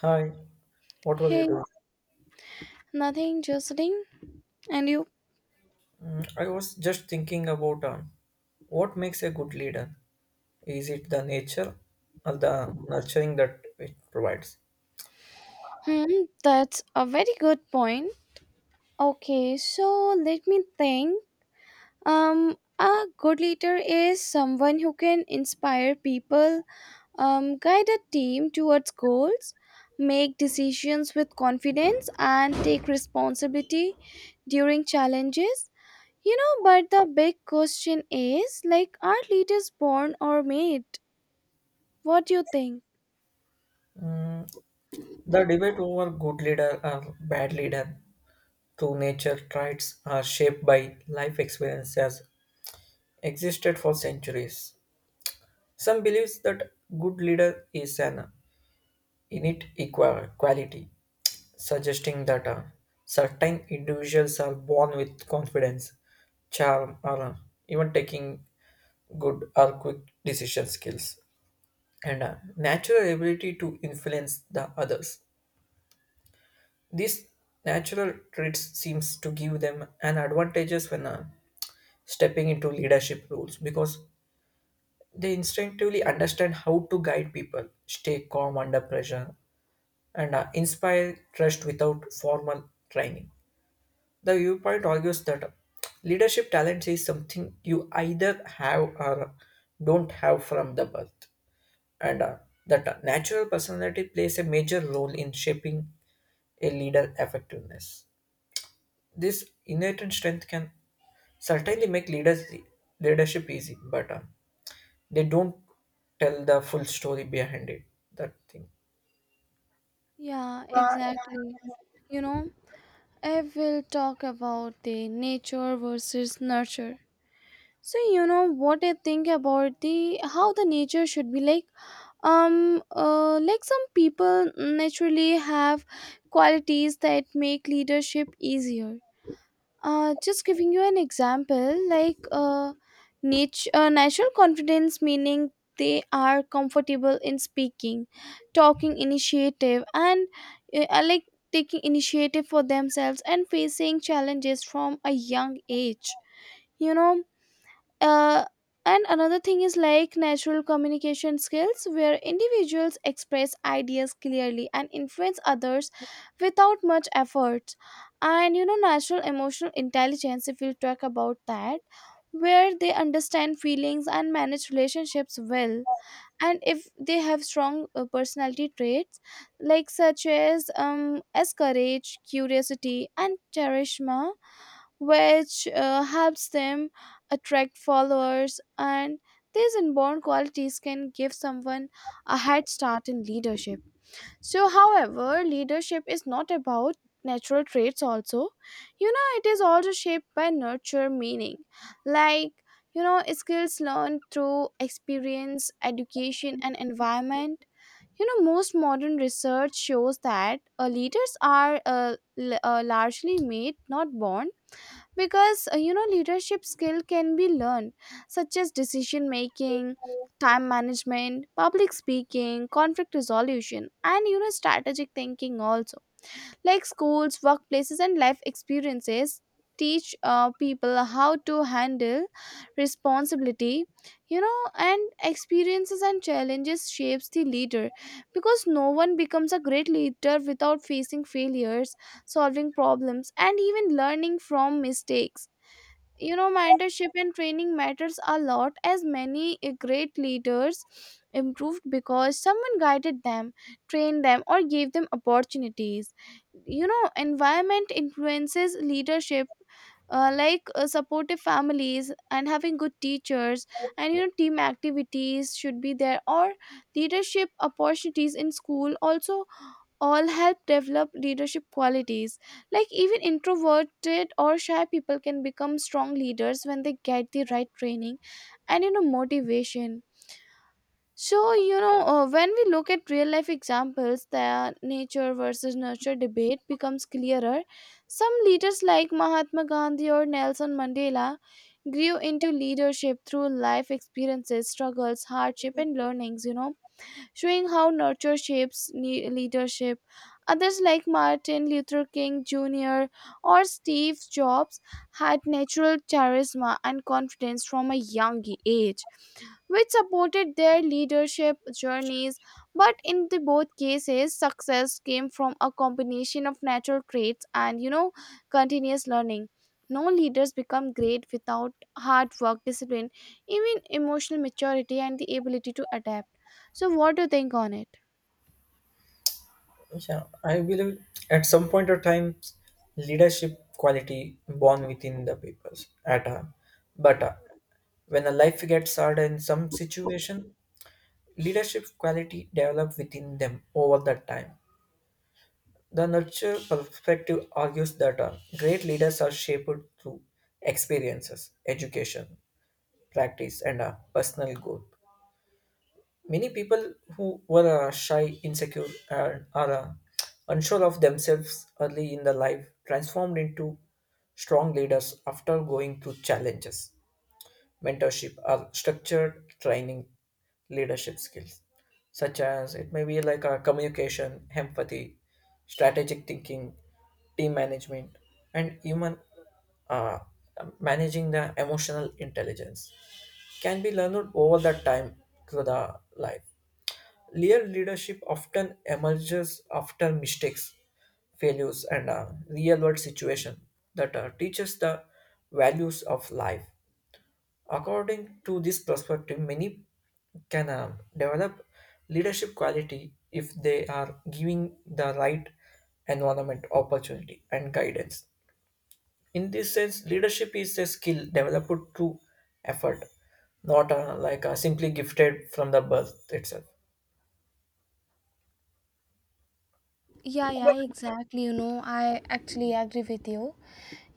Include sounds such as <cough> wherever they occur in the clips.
Hi, what were you Hey, doing? nothing, just. And you? I was just thinking about what makes a good leader. Is it the nature or the nurturing that it provides? Hmm, that's a very good point. Okay, so let me think. A good leader is someone who can inspire people, guide a team towards goals, make decisions with confidence, and take responsibility during challenges. You know, but the big question is like, are leaders born or made? What do you think? The debate over good leader or bad leader through nature traits are shaped by life experience has existed for centuries. Some believes that good leader is an quality, suggesting that certain individuals are born with confidence, charm, or even taking good or quick decision skills, and natural ability to influence the others. These natural traits seems to give them an advantages when stepping into leadership roles because they instinctively understand how to guide people, stay calm under pressure, and inspire trust without formal training. The viewpoint argues that leadership talent is something you either have or don't have from the birth, and that natural personality plays a major role in shaping a leader effectiveness. This innate strength can certainly make leadership easy, but they don't tell the full story behind it. That thing. Yeah, exactly. You know? I will talk about the nature versus nurture. So you know what I think about the how the nature should be like. Like some people naturally have qualities that make leadership easier. Just giving you an example, like natural confidence, meaning they are comfortable in speaking, talking initiative, and like taking initiative for themselves and facing challenges from a young age. You know, uh, and another thing is like natural communication skills where individuals express ideas clearly and influence others without much effort, and you know, natural emotional intelligence if we talk about that, where they understand feelings and manage relationships well. And if they have strong personality traits like such as courage, curiosity, and charisma, which helps them attract followers, and these inborn qualities can give someone a head start in leadership. So however, leadership is not about natural traits also, you know, it is also shaped by nurture, meaning like, you know, skills learned through experience, education, and environment. You know, most modern research shows that leaders are largely made, not born, because you know, leadership skill can be learned, such as decision making, time management, public speaking, conflict resolution, and you know, strategic thinking also. Like schools, workplaces, and life experiences teach people how to handle responsibility, you know. And experiences and challenges shapes the leader, because no one becomes a great leader without facing failures, solving problems, and even learning from mistakes. You know, mentorship and training matters a lot, as many great leaders improved because someone guided them, trained them, or gave them opportunities. You know, environment influences leadership. Supportive families and having good teachers, and you know, team activities should be there, or leadership opportunities in school also, all help develop leadership qualities. Like even introverted or shy people can become strong leaders when they get the right training and you know, motivation. So you know, when we look at real life examples, the nature versus nurture debate becomes clearer. Some leaders like Mahatma Gandhi or Nelson Mandela grew into leadership through life experiences, struggles, hardship, and learnings, you know, showing how nurture shapes leadership. Others like Martin Luther King Jr. or Steve Jobs had natural charisma and confidence from a young age, which supported their leadership journeys. But in the both cases, success came from a combination of natural traits and you know, continuous learning. No leaders become great without hard work, discipline, even emotional maturity, and the ability to adapt. So, what do you think on it? Yeah, I believe at some point of time, leadership quality born within the people at a, but when a life gets hard in some situation, leadership quality develop within them over that time. The nurture perspective argues that great leaders are shaped through experiences, education, practice, and personal growth. Many people who were shy, insecure, and are unsure of themselves early in the life transformed into strong leaders after going through challenges, mentorship, or structured training leadership skills, such as it may be like a communication, empathy, strategic thinking, team management, and even uh, managing the emotional intelligence can be learned over the time through the life. Real leadership often emerges after mistakes, failures, and a real world situation that teaches the values of life. According to this perspective, many can develop leadership quality if they are giving the right environment, opportunity, and guidance. In this sense, leadership is a skill developed through effort, not simply gifted from the birth itself. Yeah, yeah, exactly. You know, I actually agree with you.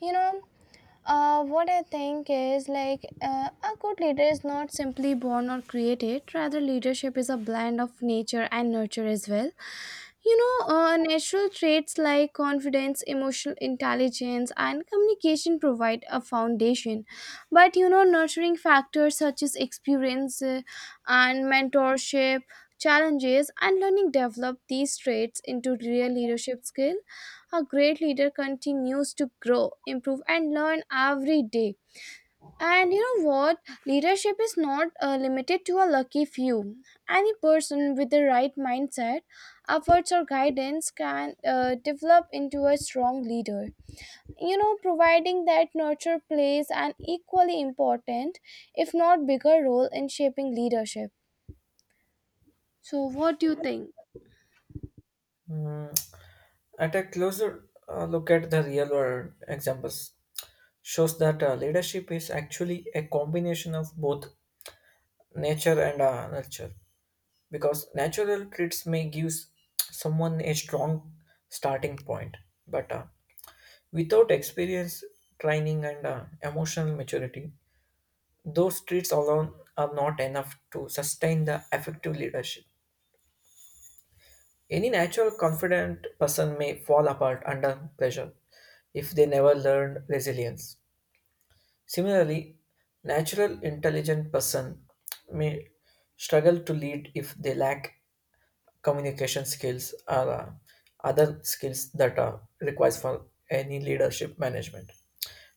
You know, what I think is like, a good leader is not simply born or created, rather, leadership is a blend of nature and nurture as well. You know, natural traits like confidence, emotional intelligence, and communication provide a foundation. But you know, nurturing factors such as experience, and mentorship, challenges, and learning develop these traits into real leadership skill. A great leader continues to grow, improve, and learn every day. And you know what, leadership is not limited to a lucky few. Any person with the right mindset, efforts, or guidance can develop into a strong leader, you know, providing that nurture plays an equally important, if not bigger role, in shaping leadership. So what do you think? Mm, At a closer look at the real world examples, shows that leadership is actually a combination of both nature and nurture because natural traits may give someone a strong starting point but without experience training and emotional maturity, those traits alone are not enough to sustain the effective leadership. Any natural confident person may fall apart under pressure if they never learned resilience. Similarly, natural intelligent person may struggle to lead if they lack communication skills or other skills that are requires for any leadership management.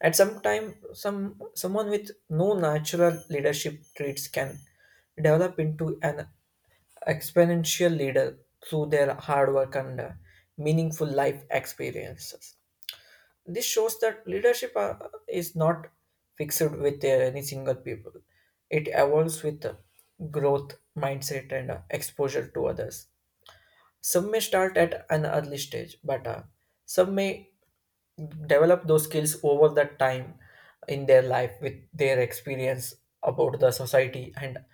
At some time, someone with no natural leadership traits can develop into an exponential leader through their hard work and meaningful life experiences. This shows that leadership is not fixed with any single people. It evolves with growth, mindset, and exposure to others. Some may start at an early stage, but some may develop those skills over the time in their life with their experience about the society, and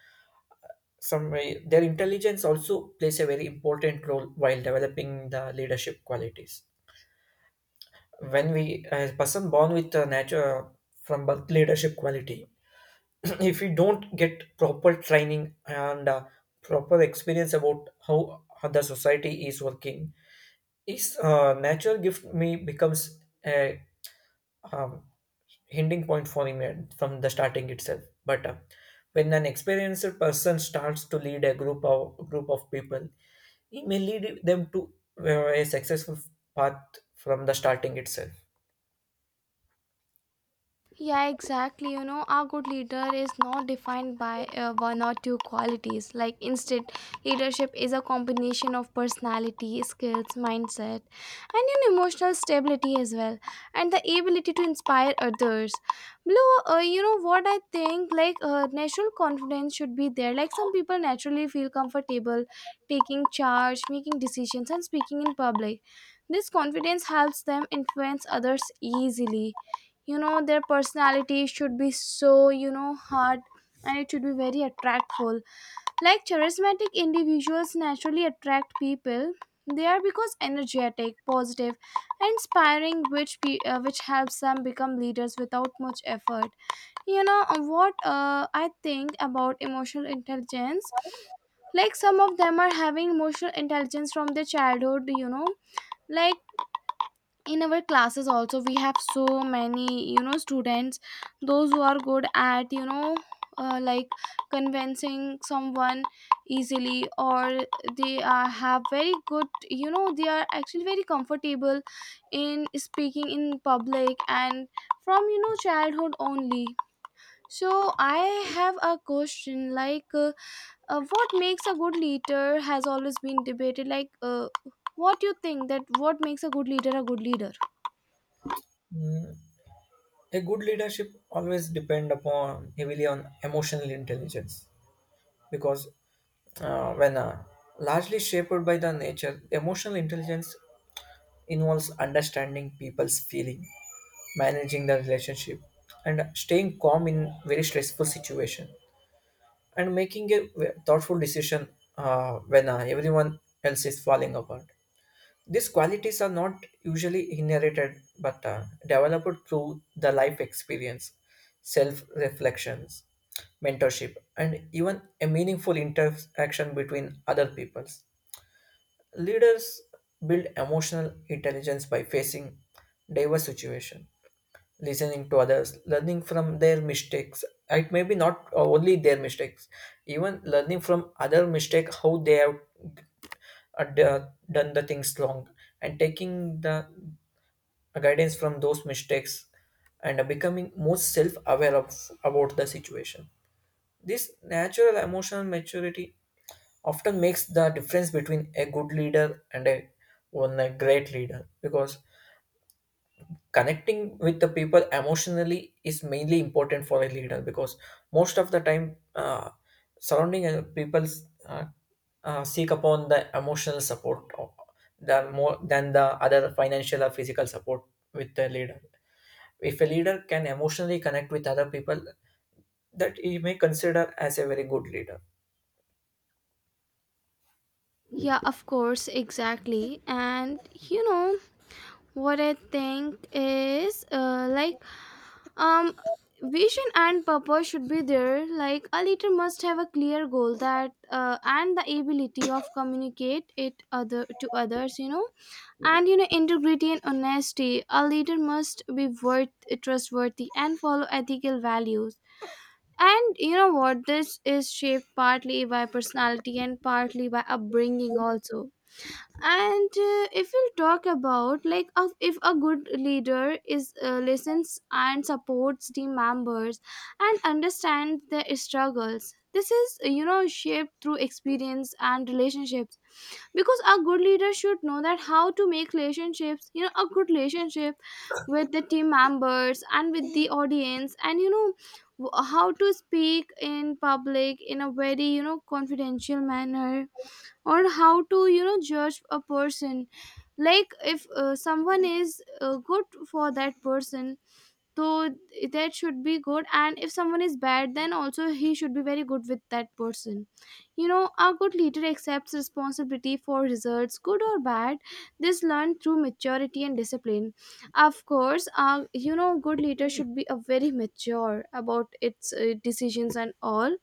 some way their intelligence also plays a very important role while developing the leadership qualities. When we a person born with a natural from birth leadership quality <clears throat> if we don't get proper training and proper experience about how the society is working, his natural gift may becomes a um, hindering point for him from the starting itself, but when an experienced person starts to lead a group of people, it may lead them to a successful path from the starting itself. Yeah, exactly. You know, our good leader is not defined by one or two qualities. Like, instead, leadership is a combination of personality, skills, mindset, and an emotional stability as well, and the ability to inspire others. Blue, you know what I think? Like, natural confidence should be there. Like, some people naturally feel comfortable taking charge, making decisions, and speaking in public. This confidence helps them influence others easily. You know, their personality should be so, you know, hard, and it should be very attractful. Like charismatic individuals naturally attract people. They are because energetic, positive, and inspiring, which which helps them become leaders without much effort. You know, what I think about emotional intelligence, like some of them are having emotional intelligence from their childhood, you know, like in our classes also we have so many, you know, students, those who are good at, you know, like convincing someone easily, or they are have very good, you know, they are actually very comfortable in speaking in public and from, you know, childhood only. So I have a question like, what makes a good leader has always been debated, like, what do you think that what makes a good leader a good leader? Mm, A good leadership always depend upon heavily on emotional intelligence because when largely shaped by the nature, emotional intelligence involves understanding people's feeling, managing the relationship, and staying calm in very stressful situation, and making a thoughtful decision when everyone else is falling apart. These qualities are not usually inherited but developed through the life experience, self reflections, mentorship, and even a meaningful interaction between other peoples. Leaders build emotional intelligence by facing diverse situations, listening to others, learning from their mistakes. It may be not only their mistakes, even learning from other mistakes how they have done the things wrong and taking the guidance from those mistakes and becoming more self-aware of about the situation. This natural emotional maturity often makes the difference between a good leader and a one a great leader because connecting with the people emotionally is mainly important for a leader because most of the time surrounding people uh, seek upon the emotional support than more than the other financial or physical support with the leader. If a leader can emotionally connect with other people, that he may consider as a very good leader. Yeah, of course, exactly. And you know what I think is, like, um vision and purpose should be there. Like a leader must have a clear goal, that and the ability of communicate it other to others, you know. And you know, integrity and honesty. A leader must be worth trustworthy and follow ethical values. And you know what? This is shaped partly by personality and partly by upbringing also. And if we talk about, like, of if a good leader is listens and supports team members and understands their struggles, this is, you know, shaped through experience and relationships, because a good leader should know that how to make relationships, you know, a good relationship with the team members and with the audience, and you know, how to speak in public in a very, you know, confidential manner, or how to, you know, judge a person. Like if someone is good for that person, so that should be good, and if someone is bad, then also he should be very good with that person. You know, a good leader accepts responsibility for results, good or bad. This learned through maturity and discipline. Of course, you know, good leader should be a very mature about its decisions and all.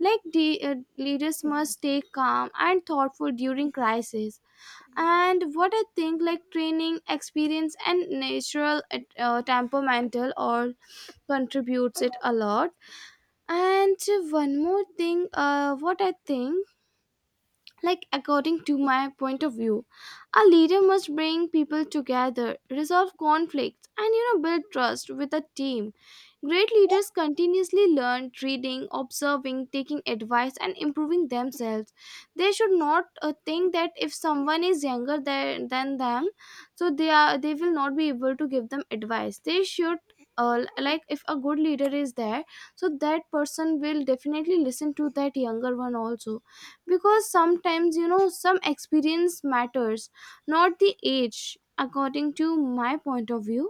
Like the leaders must stay calm and thoughtful during crisis. And what I think, like training, experience, and natural temperamental or contributes it a lot. And one more thing, what I think, like, according to my point of view, a leader must bring people together, resolve conflicts, and you know, build trust with a team. Great leaders continuously learn, reading, observing, taking advice, and improving themselves. They should not think that if someone is younger than them, so they will not be able to give them advice. They should. Like if a good leader is there, so that person will definitely listen to that younger one also, because sometimes, you know, some experience matters, not the age, according to my point of view.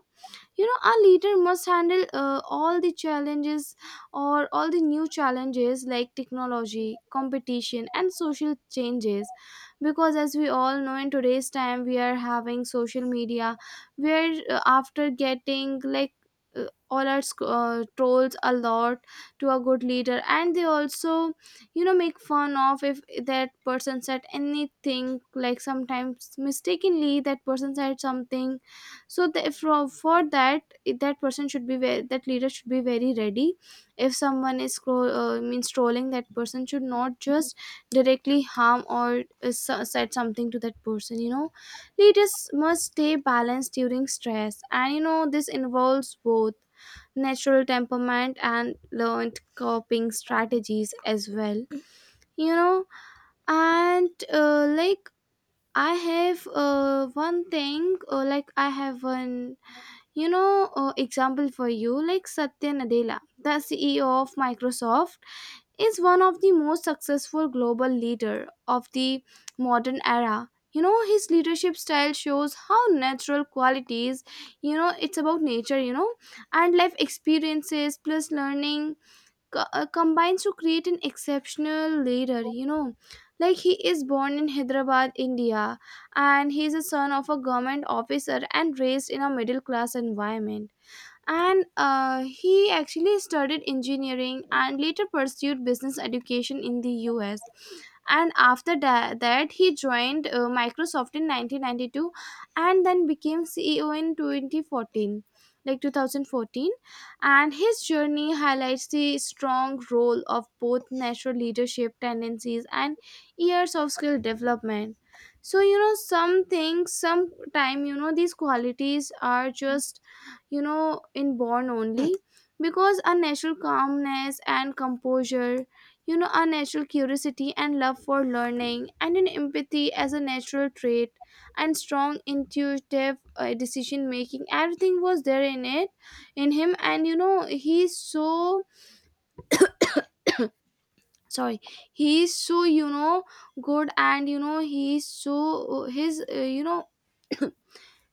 You know, our leader must handle all the challenges or all the new challenges, like technology, competition, and social changes, because as we all know, in today's time we are having social media, where after getting like all our trolls a lot to a good leader, and they also, you know, make fun of, if that person said anything, like sometimes mistakenly that person said something. So the, for that, that person should be very, that leader should be very ready. If someone is scroll, means trolling, that person should not just directly harm or said something to that person, you know. Leaders must stay balanced during stress, and you know, this involves both natural temperament and learned coping strategies as well, you know. And like, I have one thing, like I have one, you know, example for you, like Satya Nadella, the CEO of Microsoft, is one of the most successful global leader of the modern era. You know, his leadership style shows how natural qualities, you know, it's about nature, you know, and life experiences plus learning combines to create an exceptional leader, you know. Like he is born in Hyderabad, India, and he is a son of a government officer and raised in a middle class environment. And he actually studied engineering and later pursued business education in the US. And after that, he joined Microsoft in 1992 and then became CEO in 2014, like 2014. And his journey highlights the strong role of both natural leadership tendencies and years of skill development. So you know, some things, sometime, you know, these qualities are just, you know, inborn only, because our natural calmness and composure, you know, our natural curiosity and love for learning, and an empathy as a natural trait, and strong intuitive decision making, everything was there in it, in him. And you know, he's so, sorry, he's so, you know, good. And you know, he's so, his you know,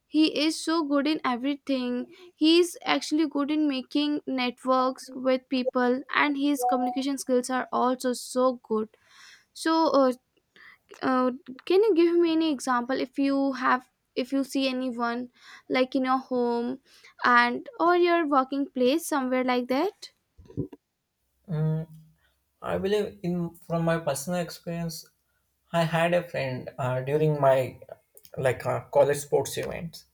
he is so good in everything. He's actually good in making networks with people, and his communication skills are also so good. So uh, can you give me any example, if you have, if you see anyone, like in your home and or your working place, somewhere like that? Mm, I believe in from my personal experience I had a friend during my college sports events.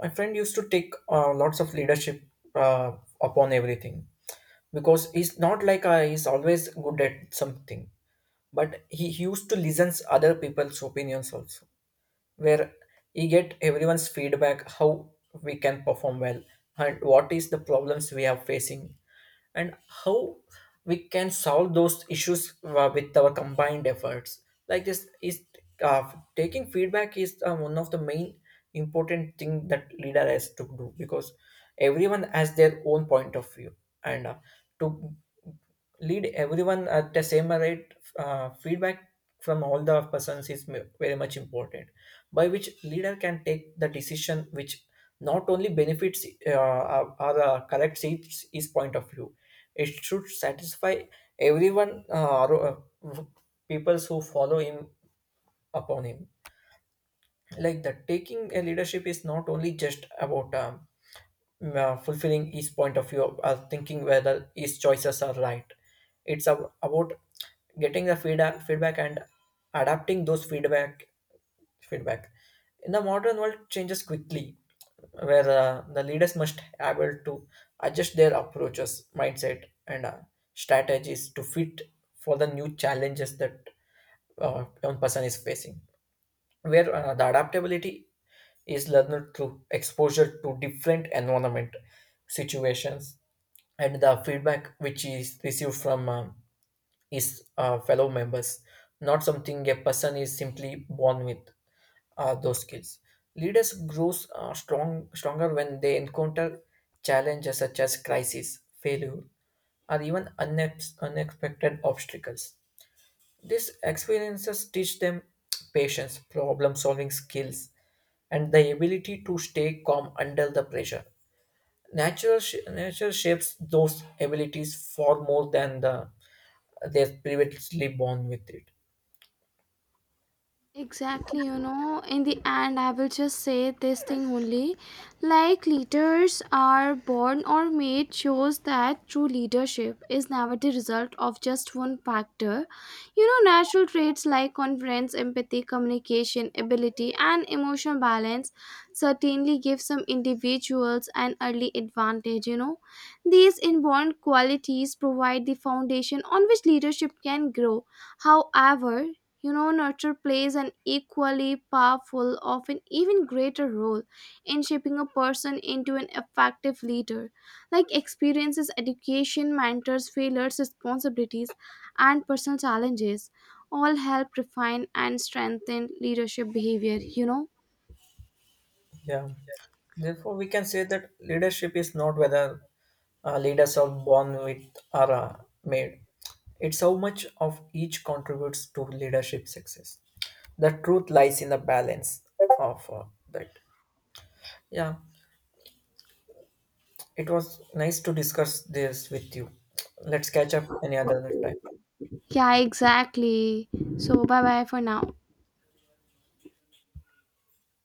My friend used to take lots of leadership uh, upon everything because he's not like I, he's always good at something, but he used to listen other people's opinions also, where you get everyone's feedback how we can perform well, and what is the problems we are facing, and how we can solve those issues with our combined efforts. Like this is uh, taking feedback is one of the main important thing that leader has to do because everyone has their own point of view, and to lead everyone at the same rate, feedback from all the persons is very much important, by which leader can take the decision which not only benefits corrects its point of view. It should satisfy everyone uh, peoples who follow him upon him like that. Taking a leadership is not only just about fulfilling each point of view or thinking whether each choices are right. It's about getting the feedback and adapting those feedback in the modern world changes quickly, where the leaders must able to adjust their approaches mindset and strategies to fit for the new challenges that one person is facing, where the adaptability is learned through exposure to different environment situations, and the feedback which is received from his fellow members, not something a person is simply born with those skills. Leaders grows stronger when they encounter challenges such as crisis failure or even unexpected obstacles. These experiences teach them patience, problem solving skills, and the ability to stay calm under the pressure. Nature shapes those abilities far more than the they're previously born with it. Exactly, you know, in the end, I will just say this thing only. Like, leaders are born or made shows that true leadership is never the result of just one factor. You know, natural traits like confidence, empathy, communication, ability, and emotional balance certainly give some individuals an early advantage, you know. These inborn qualities provide the foundation on which leadership can grow. However, you know, nurture plays an equally powerful, often even greater role in shaping a person into an effective leader. Like experiences, education, mentors, failures, responsibilities, and personal challenges all help refine and strengthen leadership behavior, you know? Yeah. Therefore, we can say that leadership is not whether leaders are born with or made. It's how much of each contributes to leadership success. The truth lies in the balance of that. Yeah, it was nice to discuss this with you. Let's catch up any other time. Yeah, exactly. So, bye bye for now.